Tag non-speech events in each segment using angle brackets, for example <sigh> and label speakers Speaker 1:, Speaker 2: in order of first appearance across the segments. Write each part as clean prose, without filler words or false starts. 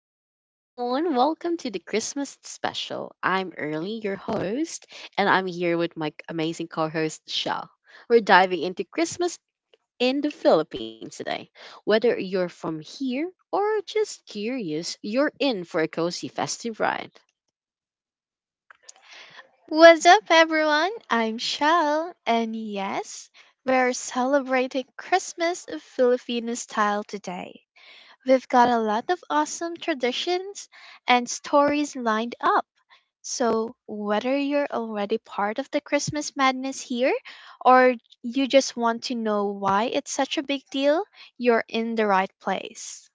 Speaker 1: Hey everyone, welcome to the Christmas special. I'm Early, your host, and I'm here with my amazing co host, Shell. We're diving into Christmas in the Philippines today. Whether you're from here or just curious, you're in for a cozy festive ride.
Speaker 2: What's up, everyone? I'm Shell, and yes, we're celebrating Christmas Filipino style today. We've got a lot of awesome traditions and stories lined up. So, whether you're already part of the Christmas madness here or you just want to know why it's such a big deal, you're in the right place.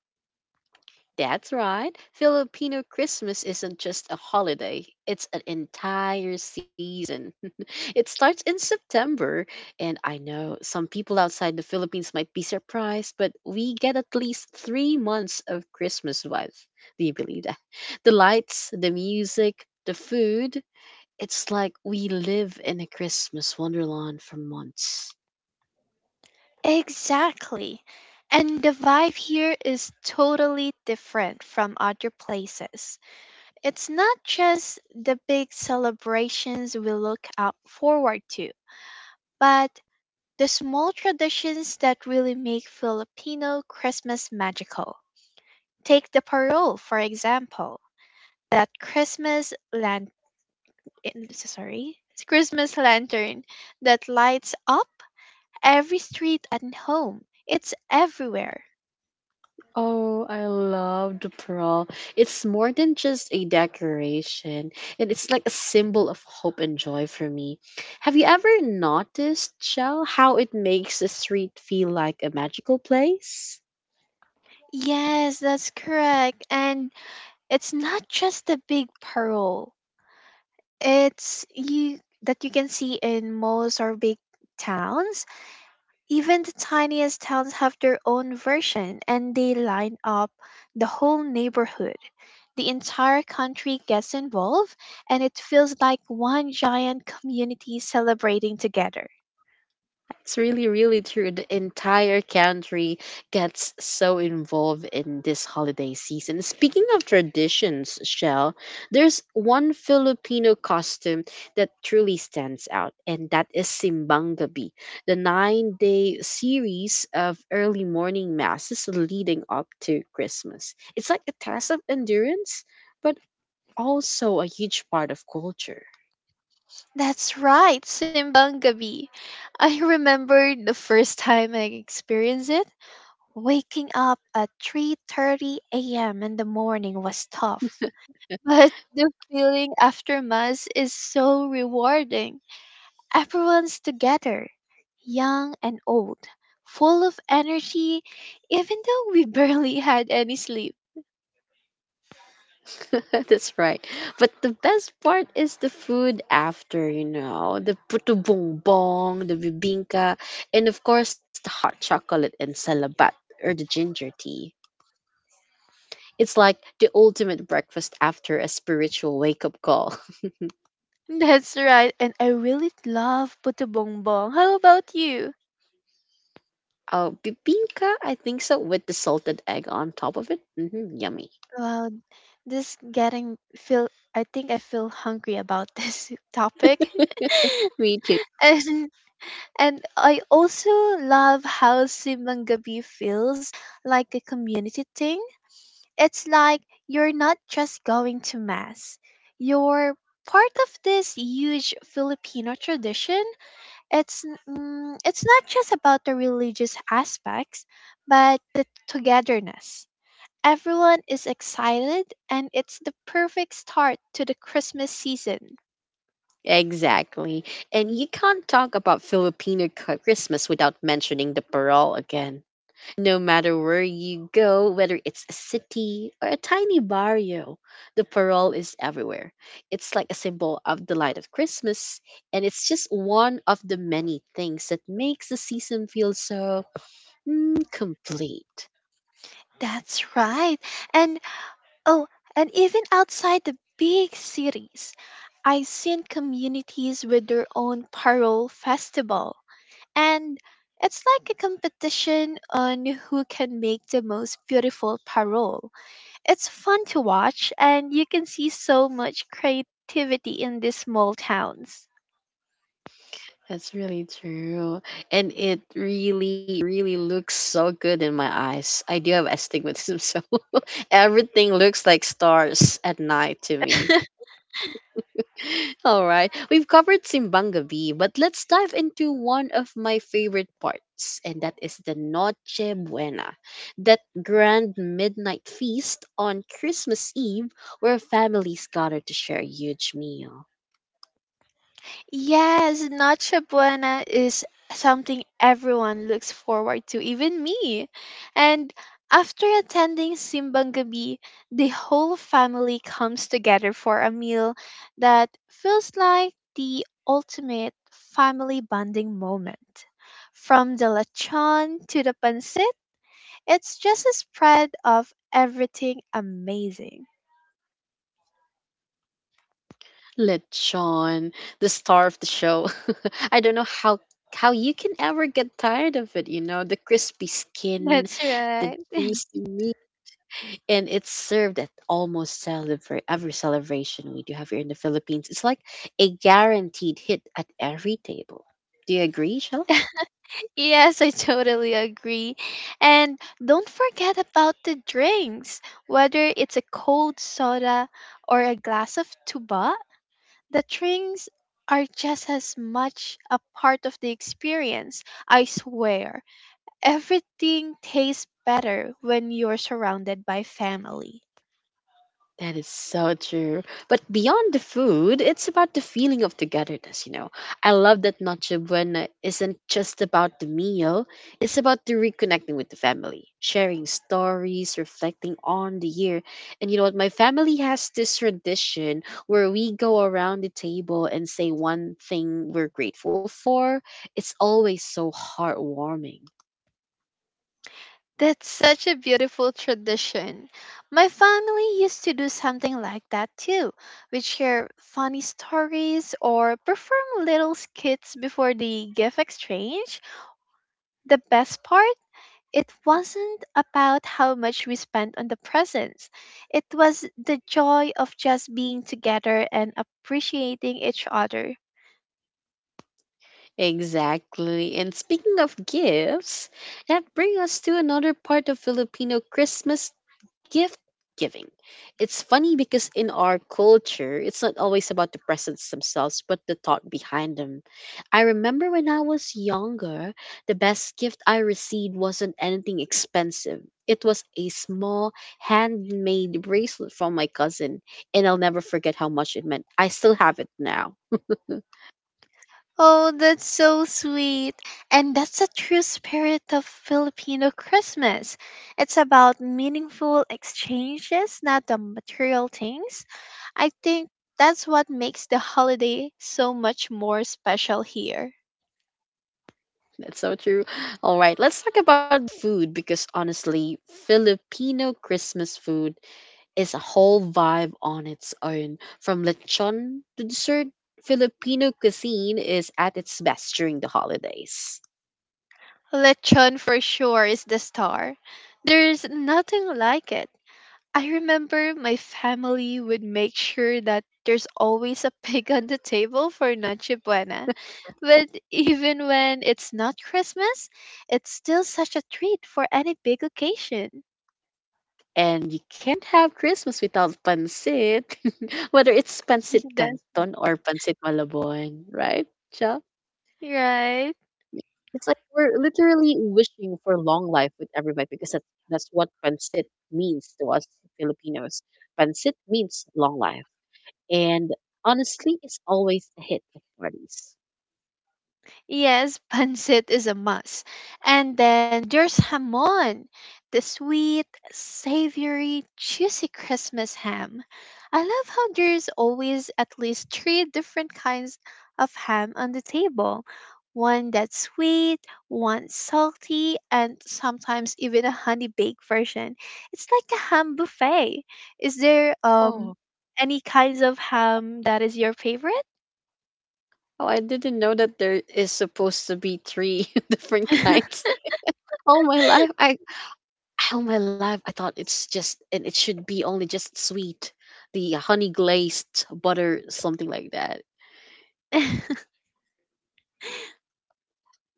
Speaker 1: That's right. Filipino Christmas isn't just a holiday, it's an entire season. <laughs> It starts in September, and I know some people outside the Philippines might be surprised, but we get at least 3 months of Christmas vibes. Do you believe that? The lights, the music, the food. It's like we live in a Christmas wonderland for months.
Speaker 2: Exactly. And the vibe here is totally different from other places. It's not just the big celebrations we look out forward to, but the small traditions that really make Filipino Christmas magical. Take the parol, for example, that Christmas lan- eh, so sorry, Christmas lantern that lights up every street and home. It's everywhere.
Speaker 1: Oh, I love the pearl. It's more than just a decoration, and it's like a symbol of hope and joy for me. Have you ever noticed, Shell, how it makes a street feel like a magical place?
Speaker 2: Yes, that's correct. And it's not just the big parol. It's you that you can see in malls or big towns. Even the tiniest towns have their own version, and they line up the whole neighborhood. The entire country gets involved, and it feels like one giant community celebrating together.
Speaker 1: It's really, really true. The entire country gets so involved in this holiday season. Speaking of traditions, Shell, there's one Filipino costume that truly stands out, and that is Simbangabi, the 9 day series of early morning masses leading up to Christmas. It's like a test of endurance, but also a huge part of culture.
Speaker 2: That's right, Simbangabi. <laughs> I remember the first time I experienced it. Waking up at 3:30 a.m. in the morning was tough. But the feeling after Mass is so rewarding. Everyone's together, young and old, full of energy, even though we <laughs> barely had any sleep.
Speaker 1: <laughs> That's right. But the best part is the food after, the puto bongbong, the bibingka, and of course the hot chocolate and salabat or the ginger tea. It's like the ultimate breakfast after a spiritual wake up call. <laughs>
Speaker 2: That's right, and I really love Puto Bongbong. How about you?
Speaker 1: Oh, bibingka, I think so, with the salted egg on top of it. Hmm yummy.
Speaker 2: Well, this getting feel I think I feel hungry about this <laughs> topic.
Speaker 1: <laughs> Me too.
Speaker 2: <laughs> and and I also love how Simangabi feels like a community thing. It's like you're not just going to mass. You're part of this huge Filipino tradition. It's It's not just about the religious aspects, but the togetherness. Everyone is excited, and it's the perfect start to the Christmas season.
Speaker 1: Exactly. And you can't talk about Filipino Christmas without mentioning the parol again. No matter where you go, whether it's a city or a tiny barrio, the parol is everywhere. It's like a symbol of the light of Christmas, and it's just one of the many things that makes the season feel so complete.
Speaker 2: That's right. And oh, and even outside the big cities, I've seen communities with their own parole festival. And it's like a competition on who can make the most beautiful parole. It's fun to watch, and you can see so much creativity in these small towns.
Speaker 1: That's really true. And it really, really looks so good in my eyes. I do have astigmatism, <laughs> so everything looks like stars at night to me.
Speaker 2: <laughs>
Speaker 1: All right. We've covered Simbang Gabi, but let's dive into one of my favorite parts, and that is the Noche Buena, that grand midnight feast on Christmas Eve where families gather to share a huge meal.
Speaker 2: Yes, Noche Buena is something everyone looks forward to, even me. And after attending Simbang Gabi, the whole family comes together for a meal that feels like the ultimate family bonding moment. From the lechon to the pancit, it's just a spread of everything amazing.
Speaker 1: Lechon, the star of the show. <laughs> I don't know how you can ever get tired of it, you know, the crispy skin,
Speaker 2: That's
Speaker 1: the
Speaker 2: right. <laughs>
Speaker 1: juicy meat, and it's served at almost every celebration we do have here in the Philippines. It's like a guaranteed hit at every table. Do you agree, Shel?
Speaker 2: Yes, I totally agree. And don't forget about the drinks. Whether it's a cold soda or a glass of tuba, the drinks are just as much a part of the experience. I swear, everything tastes better when you're surrounded by family.
Speaker 1: That is so true. But beyond the food, it's about the feeling of togetherness, you know. I love that Noche Buena isn't just about the meal, it's about the reconnecting with the family, sharing stories, reflecting on the year. And you know what? My family has this tradition where we go around the table and say one thing we're grateful for. It's always so heartwarming.
Speaker 2: That's such a beautiful tradition. My family used to do something like that too. We'd share funny stories or perform little skits before the gift exchange. The best part, it wasn't about how much we spent on the presents. It was the joy of just being together and appreciating each other.
Speaker 1: Exactly. And speaking of gifts, that brings us to another part of Filipino Christmas gift giving. It's funny because in our culture, it's not always about the presents themselves, but the thought behind them. I remember when I was younger, the best gift I received wasn't anything expensive. It was a small handmade bracelet from my cousin, and I'll never forget how much it meant. I still have it now.
Speaker 2: Oh, that's so sweet. And that's the true spirit of Filipino Christmas. It's about meaningful exchanges, not the material things. I think that's what makes the holiday so much more special here.
Speaker 1: That's so true. All right, let's talk about food because honestly, Filipino Christmas food is a whole vibe on its own. From lechon to dessert, Filipino cuisine is at its best during the holidays.
Speaker 2: Lechon for sure is the star. There's nothing like it. I remember my family would make sure that there's always a <laughs> pig on the table for Noche Buena. But even when it's not Christmas, it's still such a treat for any big occasion.
Speaker 1: And you can't have Christmas without pancit, <laughs> whether it's pancit
Speaker 2: <laughs> That's
Speaker 1: canton or pancit malabon, right? Cha?
Speaker 2: right.
Speaker 1: It's like we're literally wishing for long life with every bite because that's what pancit means to us Filipinos. Pancit means long life. And honestly, it's always a hit at parties.
Speaker 2: Yes, <laughs> pancit is a must. And then there's hamon, the sweet, savory, juicy Christmas ham. I love how there's always at least three different kinds of ham on the table: one that's sweet, one salty, and sometimes even a honey baked version. It's like a ham buffet. Is there
Speaker 1: Oh,
Speaker 2: any kinds of ham that is your favorite?
Speaker 1: oh, I didn't know that there is supposed to be three <laughs> different
Speaker 2: <laughs>
Speaker 1: kinds. All my life, I all my life I thought it's just and it should be only just sweet, the honey glazed butter, something like that.
Speaker 2: <laughs>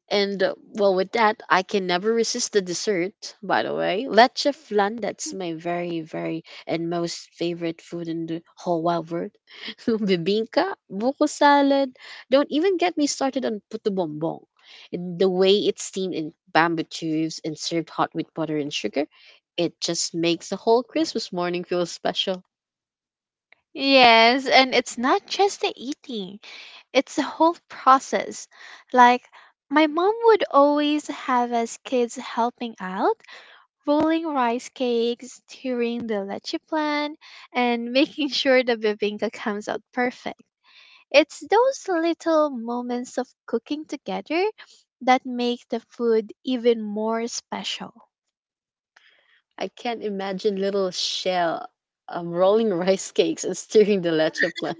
Speaker 1: And well, with that, I can never resist the dessert, by the way. Leche flan, that's my very, very and most favorite food in the whole wide world. <laughs> Bibingka, buko salad. Don't even get me started on puto bombong. And the way it's steamed in bamboo tubes and served hot with butter and sugar, it just makes the whole Christmas morning feel special.
Speaker 2: Yes, and it's not just the eating, it's the whole process. Like, my mom would always have us kids helping out, rolling rice cakes, stirring the leche plan, and making <laughs> sure the bibinka comes out perfect. It's those little moments of cooking together that make the food even more special.
Speaker 1: I can't imagine little shell rolling <laughs> rice cakes and stirring the leche plan.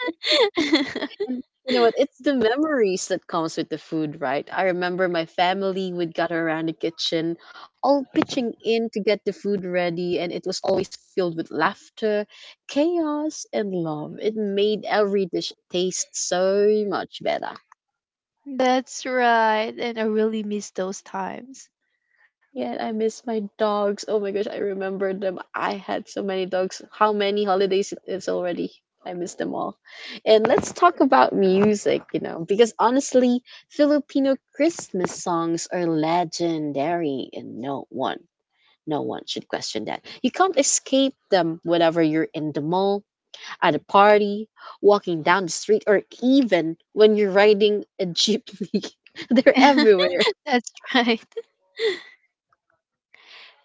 Speaker 2: <laughs>
Speaker 1: <laughs> And you know what? It's the memories that comes with the food, right? I remember my family would gather around the kitchen, all pitching in to get the food ready, and it was always filled with laughter, chaos, and love. It made every dish taste so much better.
Speaker 2: That's right. And I really miss those times.
Speaker 1: Yeah, I miss my dogs. Oh my gosh, I remember them. I had so many dogs. How many holidays it is already? I miss them all. And let's talk about music, you know, because honestly, Filipino Christmas songs are legendary and no one should question that. You can't escape them whenever you're in the mall, at a party, walking down the street, or even when you're riding a jeepney. <laughs> They're everywhere.
Speaker 2: <laughs> That's right.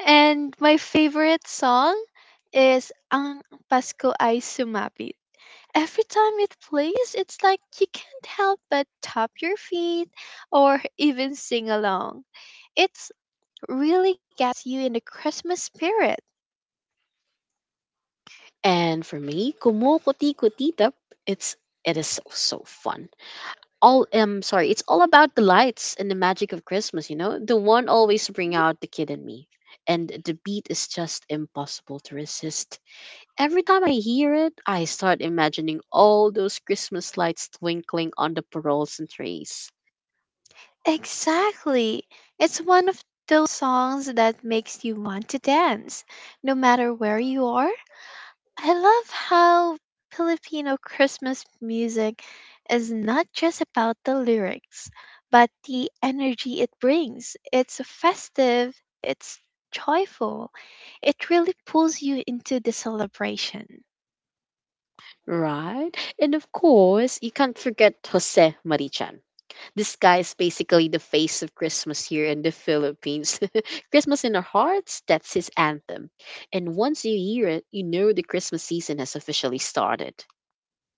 Speaker 2: And my favorite song is Ang Pasko Ay Sumapit. Every time it plays, it's like you can't help but tap your feet or even sing along. It's really gets you in the Christmas spirit.
Speaker 1: And for me, Kumukutikuti it's it is so fun. It's all about the lights and the magic of Christmas, you know? The one always bring out the kid in me. And the beat is just impossible to resist. Every time I hear it, I start imagining all those Christmas lights twinkling on the paroles and trees.
Speaker 2: Exactly. It's one of those songs that makes you want to dance, no matter where you are. I love how Filipino Christmas music is not just about the lyrics, but the energy it brings. It's festive, it's joyful, it really pulls you into the celebration.
Speaker 1: Right? And of course, you can't forget Jose Marichan. This guy is basically the face of Christmas here in the Philippines. <laughs> Christmas in our hearts, that's his anthem. And once you hear it, you know the Christmas season has officially started.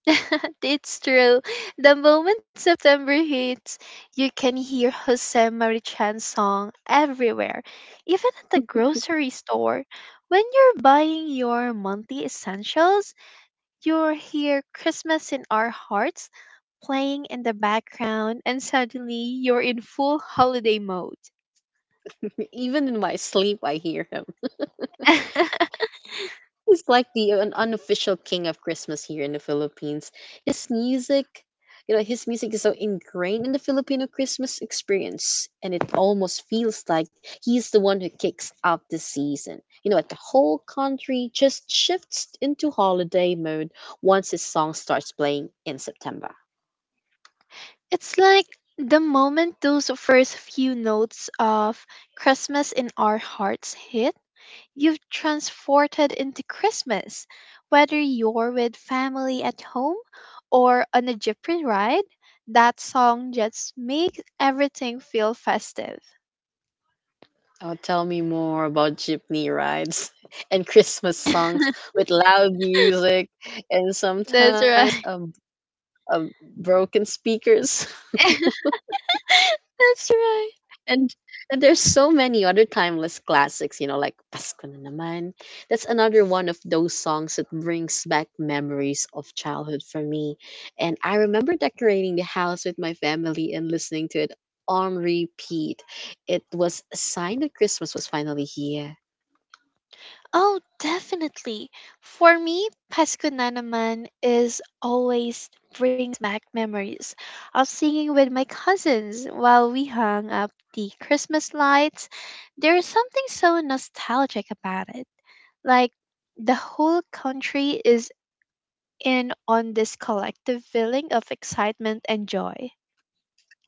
Speaker 2: <laughs> It's true. The moment September hits, you can hear Jose Marichan's song everywhere, even at the
Speaker 1: <laughs>
Speaker 2: grocery store. When you're buying your monthly essentials, you hear Christmas in Our Hearts playing in the background, and suddenly you're in full holiday mode.
Speaker 1: Even in my sleep, I hear him.
Speaker 2: <laughs>
Speaker 1: He's like the an unofficial king of Christmas here in the Philippines. His music, his music is so ingrained in the Filipino Christmas experience, and it almost feels like he's the one who kicks off the season. You know, like the whole country just shifts into holiday mode once his song starts playing in September.
Speaker 2: It's like the moment those first few notes of Christmas in our hearts hit, you've transported into Christmas. Whether you're with family at home or on a jeepney ride, that song just makes everything feel festive.
Speaker 1: Oh, tell me more about jeepney rides <laughs> and Christmas songs with loud music and
Speaker 2: That's
Speaker 1: sometimes
Speaker 2: right.
Speaker 1: um, broken speakers. <laughs>
Speaker 2: <laughs> That's right.
Speaker 1: And, and there's so many other timeless classics, you know, like Pasko na naman. That's another one of those songs that brings back memories of childhood for me. And I remember decorating the house with my family and listening to it on repeat. It was a sign that Christmas was finally here.
Speaker 2: Oh, definitely. For me, Pasko na naman is always bring back memories of singing with my cousins while we hung up the Christmas lights. There is something so nostalgic about it. Like the whole country is in on this collective feeling of excitement and joy.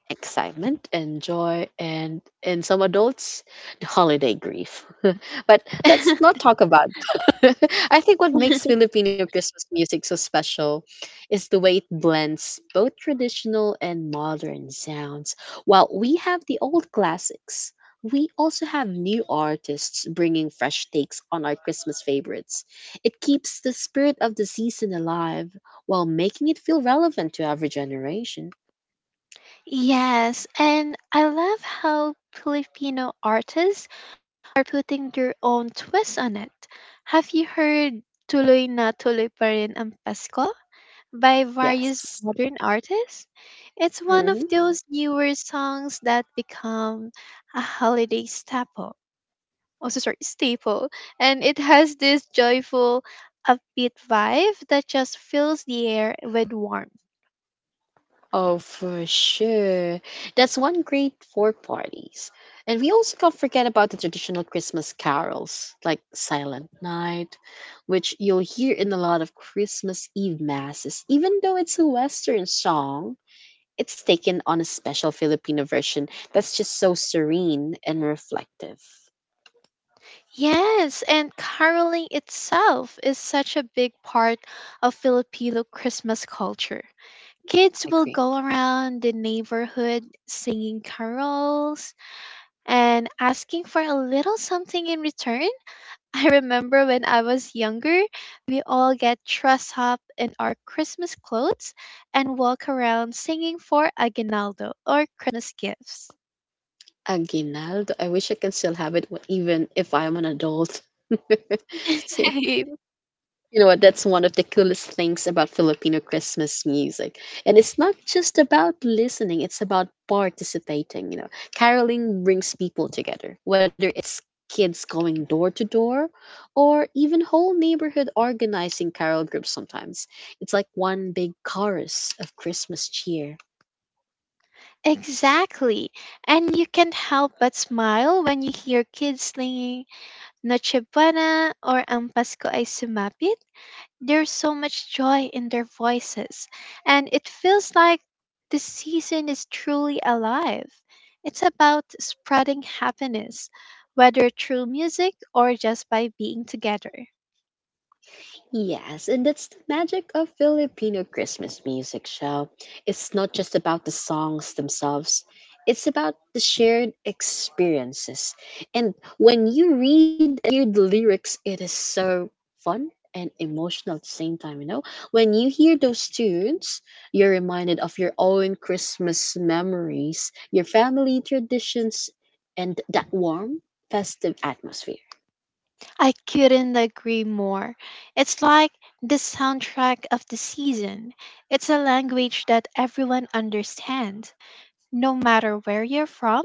Speaker 1: Excitement and joy and in some adults the holiday grief <laughs> but let's
Speaker 2: <laughs>
Speaker 1: not talk about that. <laughs> I think what makes Filipino Christmas music so special is the way it blends both traditional and modern sounds. While we have the old classics, we also have new artists bringing fresh takes on our Christmas favorites. It keeps the spirit of the season alive while making it feel relevant to every generation.
Speaker 2: Yes, and I love how Filipino artists putting their own twist on it. Have you heard Tuloy na Tuloy pa rin ang Pasko by various
Speaker 1: Yes.
Speaker 2: modern artists? It's one of
Speaker 1: hmm
Speaker 2: those newer songs that become a holiday staple. And it has this joyful, upbeat vibe that just fills the air with warmth.
Speaker 1: Oh, for sure. That's one great for parties. And we also can't forget about the traditional Christmas carols, like Silent Night, which you'll hear in a lot of Christmas Eve masses. Even though it's a Western song, it's taken on a special Filipino version that's just so serene and reflective.
Speaker 2: Yes, and caroling itself is such a big part of Filipino Christmas culture. Kids
Speaker 1: I
Speaker 2: will
Speaker 1: agree.
Speaker 2: go around the neighborhood singing carols and asking for a little something in return. <laughs> I remember when I was younger, we all get dressed up in our Christmas clothes and walk around singing for aguinaldo or Christmas gifts.
Speaker 1: Aguinaldo, I wish I can still have it even if I'm an adult.
Speaker 2: <laughs>
Speaker 1: <laughs>
Speaker 2: Same.
Speaker 1: You know what? That's one of the coolest things about Filipino Christmas music. And it's not just about listening, it's about participating. You know, caroling brings people together, whether it's kids going door to door or even whole neighborhood organizing carol groups sometimes. It's like one big chorus of Christmas cheer.
Speaker 2: Exactly. And you can't help but smile when you hear kids singing Noche Buena or Ang Pasko ay Sumapit. There's so much joy in their voices, and it feels like the season is truly alive. It's about spreading happiness, whether through music or just by being together.
Speaker 1: Yes, and that's the magic of Filipino Christmas music show. It's not just about the songs themselves, it's about the shared experiences. And when you read and hear the lyrics, it is so fun and emotional at the same time, you know? When you hear those tunes, you're reminded of your own Christmas memories, your family traditions, and that warm, festive atmosphere.
Speaker 2: I couldn't agree more. It's like the soundtrack of the season. It's a language that everyone understands. No matter where you're from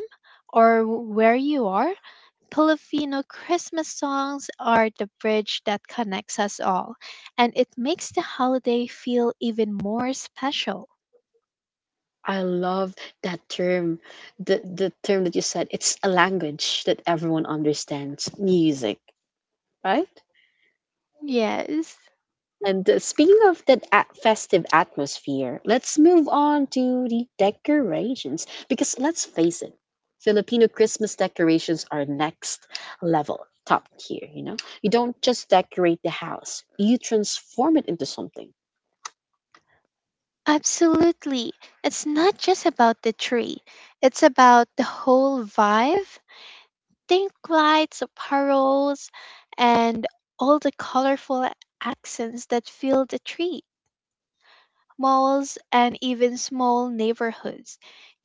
Speaker 2: or where you are, Filipino Christmas songs are the bridge that connects us all, and it makes the holiday feel even more special.
Speaker 1: I love that term, the term that you said. It's a language that everyone understands. Music, right?
Speaker 2: Yes.
Speaker 1: And speaking of that festive atmosphere, let's move on to the decorations because let's face it, Filipino Christmas decorations are next level, top tier. You know, you don't just decorate the house; you transform it into something.
Speaker 2: Absolutely. It's not just about the tree. It's about the whole vibe. Think lights, paroles, and all the colorful accents that fill the tree, malls, and even small neighborhoods.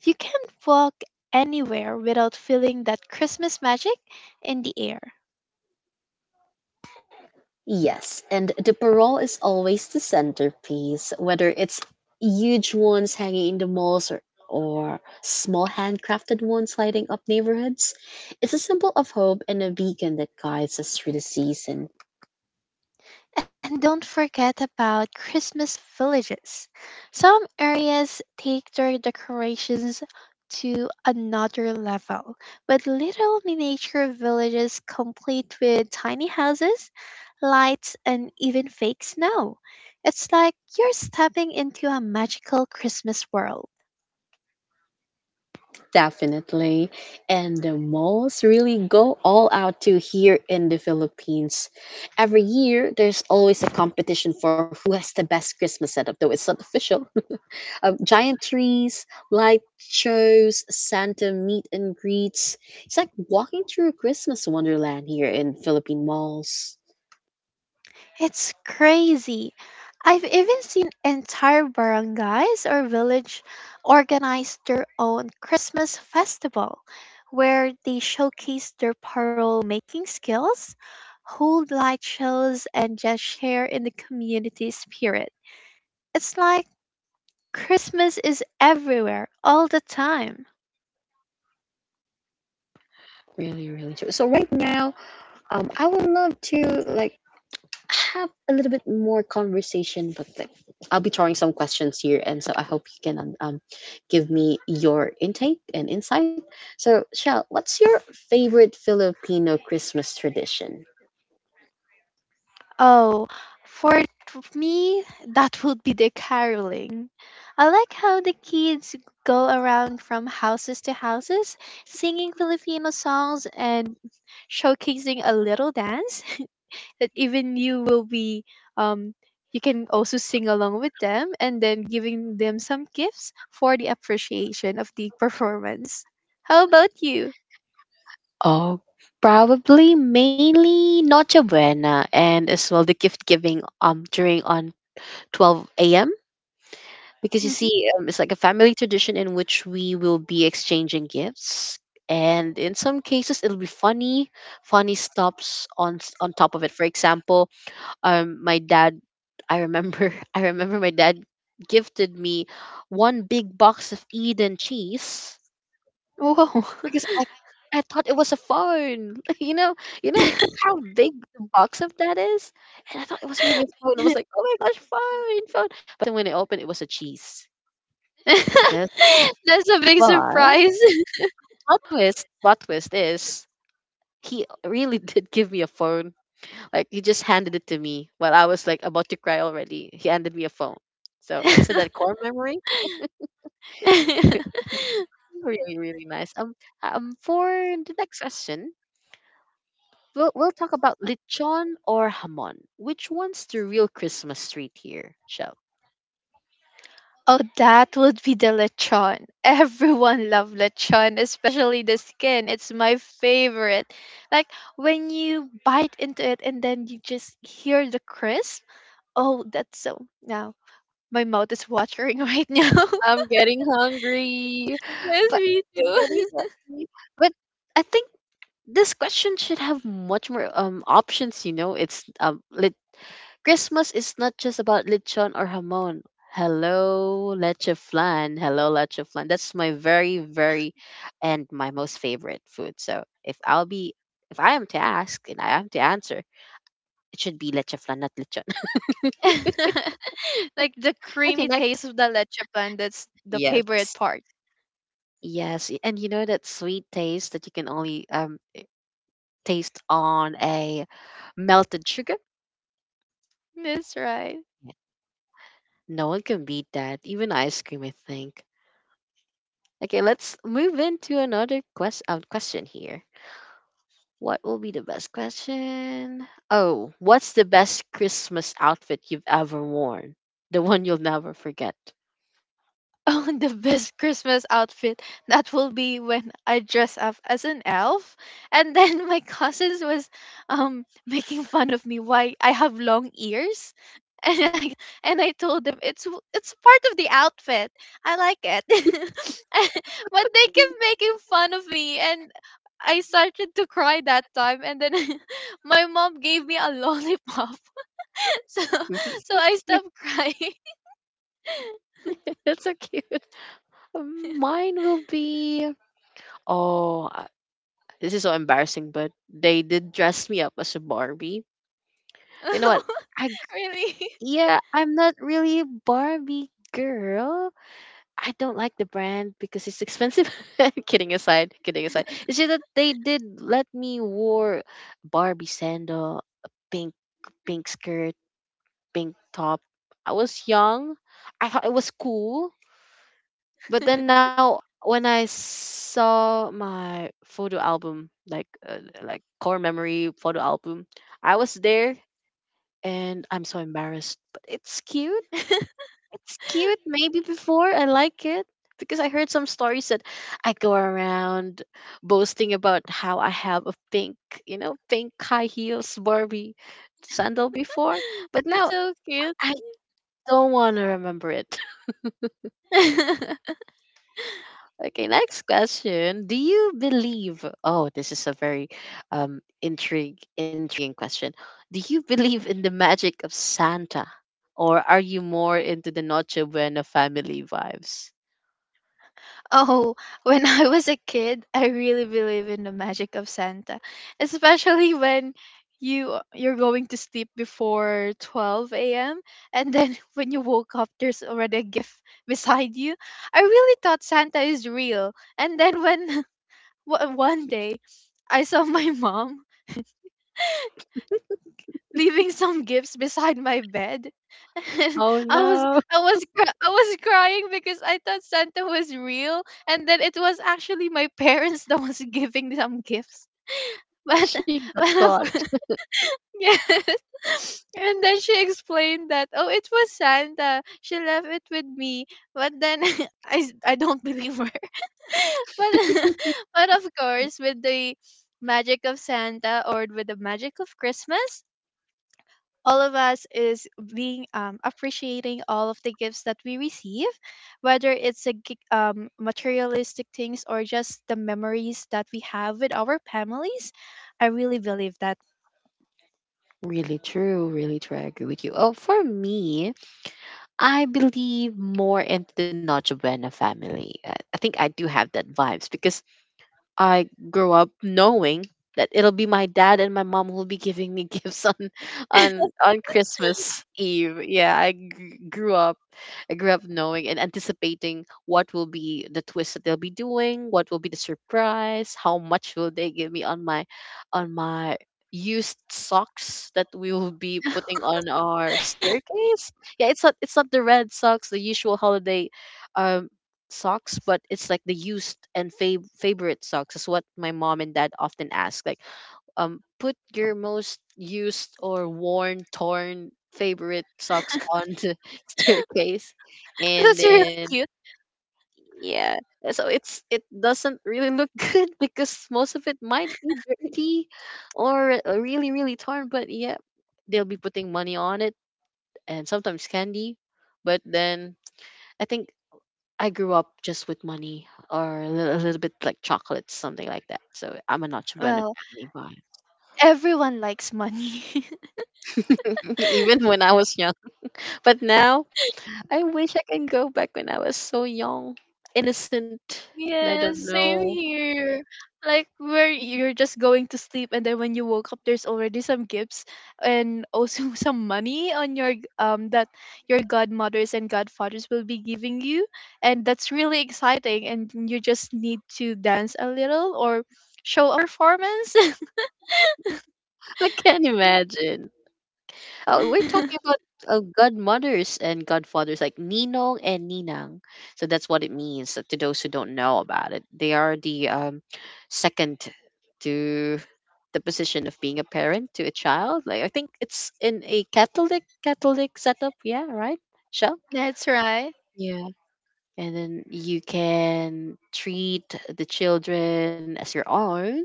Speaker 2: You can't walk anywhere without feeling that Christmas magic in the air.
Speaker 1: Yes, and the parole is always the centerpiece, whether it's huge ones hanging in the malls or small handcrafted ones lighting up neighborhoods. It's a symbol of hope and a beacon that guides us through the season,
Speaker 2: And don't forget about Christmas villages. Some areas take their decorations to another level, with little miniature villages complete with tiny houses, lights, and even fake snow. It's like you're stepping into a magical Christmas world.
Speaker 1: definitely. And the malls really go all out to here in the Philippines. Every year, there's always a competition for who has the best Christmas setup, though it's not official. Giant trees, light shows, Santa meet and greets. It's like walking through Christmas wonderland here in Philippine malls.
Speaker 2: It's crazy. I've even seen entire barangays or village organize their own Christmas festival where they showcase their parole making skills, hold light shows, and just share in the community spirit. It's like Christmas is everywhere all the time.
Speaker 1: Really, really true. So right now, I would love to like have a little bit more conversation, but I'll be throwing some questions here, and so I hope you can give me your intake and insight. So, Shell, what's your favorite Filipino Christmas tradition?
Speaker 2: Oh, for me, that would be the caroling. I like how the kids go around from houses to houses, singing Filipino songs and showcasing a little dance that even you um, you can also sing along with them, and then giving them some gifts for the appreciation of the performance. How about you?
Speaker 1: Uh, Probably mainly Noche Buena and as well the gift giving during on 12 a.m. Because you see, it's like a family tradition in which we will be exchanging gifts. And in some cases, it'll be funny, funny stops on on top of it. For
Speaker 2: <laughs>
Speaker 1: example, my dad, I remember, <laughs> I remember my dad gifted me one big box of Eden cheese
Speaker 2: Whoa!
Speaker 1: because I thought it was a phone. <laughs> You know
Speaker 2: <laughs>
Speaker 1: how big the box of that is, and I thought it was really a phone. I was like, oh my gosh, phone, phone. And when I opened, it was a cheese. Just,
Speaker 2: That's a big
Speaker 1: but
Speaker 2: surprise.
Speaker 1: plot twist is he really <laughs> did give me a phone. Like he just handed it to me while I was like about to cry already. He handed me a phone. So isn't that
Speaker 2: <laughs>
Speaker 1: core memory? <laughs> Really, really nice. For the next question, we'll talk about lechon or hamon. Which one's the real Christmas treat here, Shell?
Speaker 2: Oh, that would be the lechon. Everyone love lechon, especially the skin. It's my favorite. Like when you bite into it and then you just hear the crisp. Oh, that's so. Now my mouth is watering right now.
Speaker 1: I'm getting hungry.
Speaker 2: <laughs> Yes,
Speaker 1: But
Speaker 2: me
Speaker 1: I'm
Speaker 2: too.
Speaker 1: getting
Speaker 2: <laughs>
Speaker 1: hungry. But I think this question should have much more options. You know, it's Christmas is not just about lechon or hamon. Hello, leche flan. Hello, leche flan. That's my very, very, and my most favorite food. So if I'll be, if I am to ask and I am to answer, it should be leche flan, not lechon. <laughs>
Speaker 2: <laughs> Like the
Speaker 1: Okay,
Speaker 2: creamy taste of the leche plan, that's the favorite
Speaker 1: yes.
Speaker 2: part.
Speaker 1: Yes, and you know that sweet taste that you can only taste on a melted sugar?
Speaker 2: That's right.
Speaker 1: Yeah. No one can beat that, even ice cream, I think. Okay, let's move into another question here. What will be the best question? Oh, what's the best Christmas outfit you've ever worn? The one you'll never forget. <laughs>
Speaker 2: Oh, <laughs> the best Christmas outfit, that will be when I dress up as an elf, and then my <laughs> cousins was making fun of me why I have long ears. <laughs> and I and I told them it's part of the outfit. I like it. <laughs> But they kept making fun of me, and I started to cry that time. And then <laughs> my mom gave me a lollipop, <laughs> so
Speaker 1: That's
Speaker 2: so
Speaker 1: so
Speaker 2: I
Speaker 1: cute.
Speaker 2: stopped crying.
Speaker 1: <laughs> That's so cute. Mine will be. Oh, this is so embarrassing, but they did dress me up as a Barbie. You know what? I g-
Speaker 2: <laughs> Really.
Speaker 1: yeah, I'm not really a Barbie girl. I don't like the brand because it's expensive. <laughs> Kidding aside, kidding aside. It's just that they did let me wore Barbie sandal, a pink skirt, pink top. I was young. I thought it was cool. But then
Speaker 2: <laughs>
Speaker 1: now when I saw my photo album, like core memory photo album, I was there and I'm so embarrassed. But it's cute. It's cute. Maybe before I like it because I heard some stories that I go around boasting about how I have a pink, you know, pink high heels Barbie sandal before, but
Speaker 2: That's
Speaker 1: now
Speaker 2: so cute.
Speaker 1: I don't want to remember it.
Speaker 2: <laughs>
Speaker 1: Okay, next question. Do you believe? Oh, this is a very intrigue intriguing question. Do you believe in the magic of Santa, or are you more into the Noche Buena family vibes?
Speaker 2: Oh, <laughs> when I was a kid, I really believe in the magic of Santa, especially when you're going to sleep before 12 a.m., and then <laughs> when you woke up there's already a gift <laughs> beside you. I really thought Santa is real. And then when <laughs> one day I saw my <laughs> mom leaving some gifts beside my bed. <laughs> And
Speaker 1: Oh
Speaker 2: I was
Speaker 1: no,
Speaker 2: I was crying because I thought Santa was real, and then it was actually my <laughs> parents that was giving some gifts.
Speaker 1: <laughs>
Speaker 2: But
Speaker 1: she
Speaker 2: <laughs>
Speaker 1: got
Speaker 2: but
Speaker 1: caught.
Speaker 2: of, <laughs> yes. <laughs> And then she explained that oh, it was Santa. She left it with me. But then <laughs> I don't believe her. <laughs> But <laughs> but of course, with the magic of Santa or with the magic of Christmas, all of us is being appreciating all of the gifts that we receive, whether it's a materialistic things or just the memories that we have with our families. I really believe that.
Speaker 1: Really true, really true. I agree with you. Oh, for me, I believe more into the Noche Buena family. I think I do have that vibes because I grew up knowing that it'll be my dad and my mom who'll be giving me <laughs> gifts on on Christmas Eve. Yeah, I grew up knowing and anticipating what will be the twist that they'll be doing, what will be the surprise, how much will they give me on my used socks that we will be putting on our staircase. Yeah, it's not the red socks, the usual holiday um, socks, but it's like the used and favorite socks is what my mom and dad often ask. Like, put your most used or worn, torn favorite socks on the <laughs> staircase,
Speaker 2: <laughs>
Speaker 1: and
Speaker 2: That's really
Speaker 1: then
Speaker 2: cute.
Speaker 1: yeah, so it doesn't really look <laughs> good because most of it might be dirty or really really torn. But yeah, they'll be putting money on it and sometimes candy, but then I think I grew up just with money or a little bit like chocolates, something like that. So I'm a Nacho Bueno
Speaker 2: Well,
Speaker 1: family, but
Speaker 2: everyone likes money. <laughs>
Speaker 1: <laughs> even when I was young. But now I wish I can go back when I was so young, innocent, and I don't
Speaker 2: Yes, same
Speaker 1: know.
Speaker 2: here. Like where you're just going to sleep and then when you woke up there's already some gifts, and also <laughs> some money that your godmothers and godfathers will be giving you, and that's really exciting, and you just need to dance a little or show a performance.
Speaker 1: <laughs> I can't imagine. We're
Speaker 2: <laughs>
Speaker 1: talking about godmothers and godfathers, like ninong and ninang. So that's what it means. To those who don't know about it, they are the second to the position of being a parent to a child. Like I think it's in a Catholic setup. Yeah, right, Shell.
Speaker 2: That's right.
Speaker 1: Yeah, and then you can treat the children as your own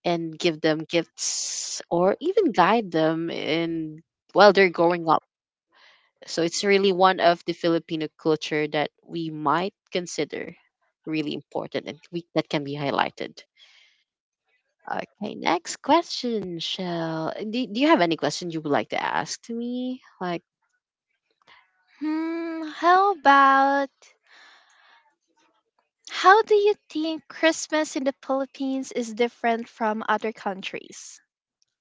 Speaker 1: and give them gifts or even guide them in while they're growing up, so it's really one of the Filipino culture that we might consider really important and that can be highlighted. Okay, next question, Shell. Do you have any question you would like to ask to me? Like,
Speaker 2: Hmm, how do you think Christmas in the Philippines is different from other countries?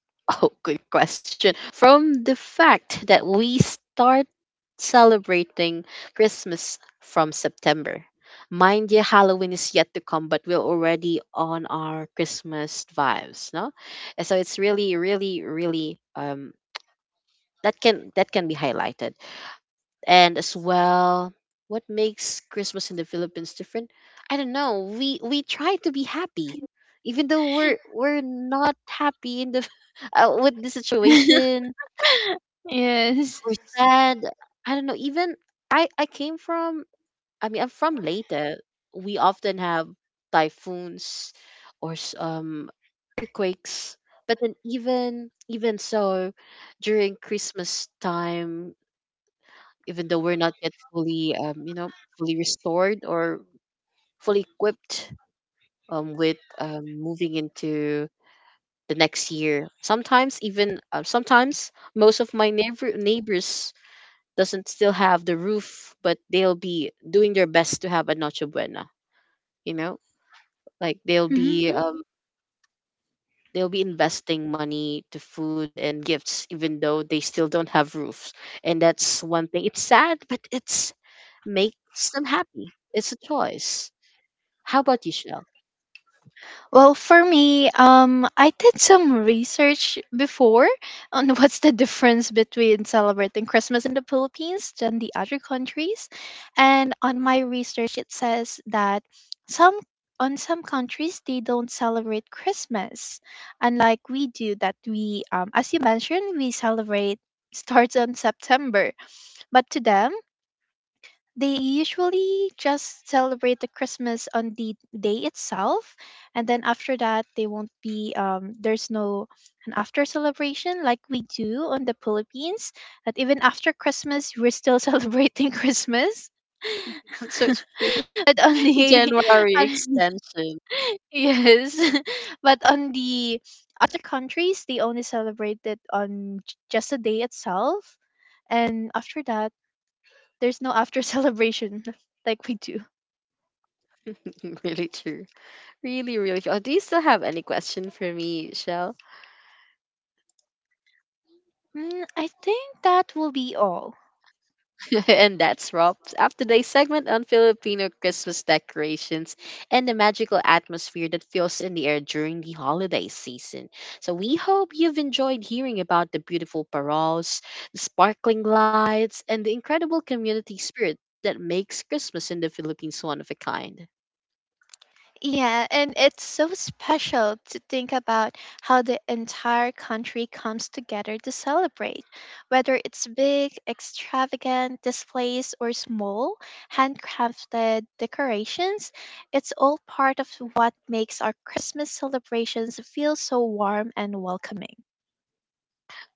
Speaker 1: <laughs> oh, good question. From the fact that we start celebrating Christmas from September. Mind you, Halloween is yet to come, but we're already on our Christmas vibes, no? And so it's really, really, really that can be highlighted, and as well, what makes Christmas in the Philippines different, I don't know, we try to be happy, even though we're not happy in the <laughs> with the
Speaker 2: <laughs>
Speaker 1: situation.
Speaker 2: Yes.
Speaker 1: We're sad, I don't know, even I came from I'm from Leyte. We often have typhoons or earthquakes, but then even so, during Christmas time, even though we're not yet fully you know, fully restored or fully equipped, with moving into the next year, sometimes even sometimes most of my neighbors doesn't still have the roof, but they'll be doing their best to have a noche buena, you know, like
Speaker 2: Mhm.
Speaker 1: they'll be investing money to food and gifts even though they still don't have roofs, and that's one thing, it's sad, but it's makes them happy, it's a choice. How about you, Shell?
Speaker 2: Well, for me, I did some research before on <laughs> what's the difference between celebrating Christmas in the Philippines than the other countries. And on my research, it says that some on some countries they don't celebrate Christmas, unlike we do. That we, as you mentioned, we celebrate starts on September, but to them. They usually just celebrate the Christmas on the day itself, and then after that, they won't be. There's no an after celebration like we do on the Philippines. That even after Christmas, we're still <laughs> celebrating Christmas.
Speaker 1: That's so
Speaker 2: <laughs>
Speaker 1: true.
Speaker 2: But on
Speaker 1: <laughs>
Speaker 2: the
Speaker 1: January
Speaker 2: <laughs> on-
Speaker 1: extension.
Speaker 2: yes <laughs> but on the other countries they only celebrate it on just the day itself, and after that there's no after <laughs> celebration like we do.
Speaker 1: <laughs> Really true. Really, really true. Oh, do you still have any question for me, Shell?
Speaker 2: Mm, I think that will be all.
Speaker 1: <laughs> And that's wraps up today's segment on Filipino Christmas decorations and the magical atmosphere that fills in the air during the holiday season. So we hope you've enjoyed hearing about the beautiful paroles, the sparkling lights, and the incredible community spirit that makes Christmas in the Philippines one of a kind.
Speaker 2: Yeah, and it's so special to think about how the entire country comes together to celebrate. Whether it's big, extravagant displays or small, handcrafted decorations, it's all part of what makes our Christmas celebrations feel so warm and welcoming.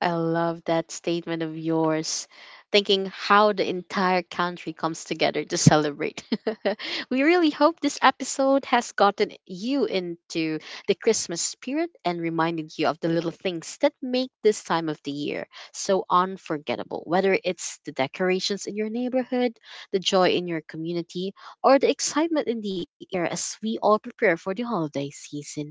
Speaker 1: I love that statement of yours, thinking how the entire country comes together to celebrate. <laughs> We really hope this episode has gotten you into the Christmas spirit and reminded you of the little things that make this time of the year so unforgettable, whether it's the decorations in your neighborhood, the joy in your community, or the excitement in the air as we all prepare for the holiday season.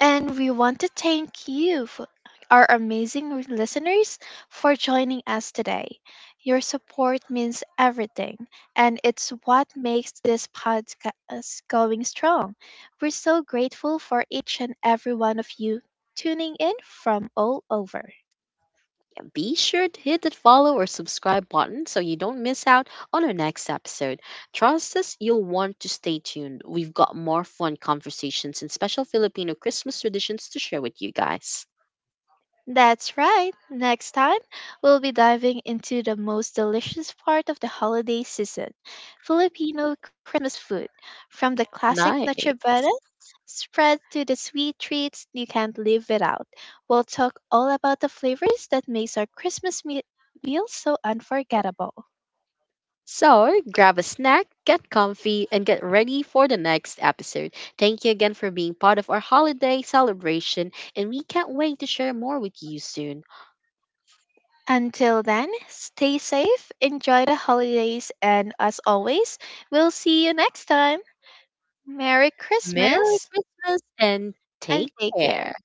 Speaker 2: And we want to thank you, for our amazing listeners, for joining us today. Your support means everything, and it's what makes this podcast going strong. We're so grateful for each and every one of you tuning in from all over.
Speaker 1: Be sure to hit that follow or subscribe button so you don't miss out on our next episode. Trust us, you'll want to stay tuned. We've got more fun conversations and special Filipino Christmas traditions to share with you guys.
Speaker 2: That's right. Next time, we'll be diving into the most delicious part of the holiday season: Filipino Christmas food, from the classic Noche
Speaker 1: Nice.
Speaker 2: Buena spread to the sweet treats you can't live without. We'll talk all about the flavors that makes our Christmas meal so unforgettable.
Speaker 1: So, grab a snack, get comfy, and get ready for the next episode. Thank you again for being part of our holiday celebration, and we can't wait to share more with you soon.
Speaker 2: Until then, stay safe, enjoy the holidays, and as always, we'll see you next time. Merry
Speaker 1: Merry
Speaker 2: Christmas
Speaker 1: Christmas and
Speaker 2: and
Speaker 1: take
Speaker 2: take care.
Speaker 1: care.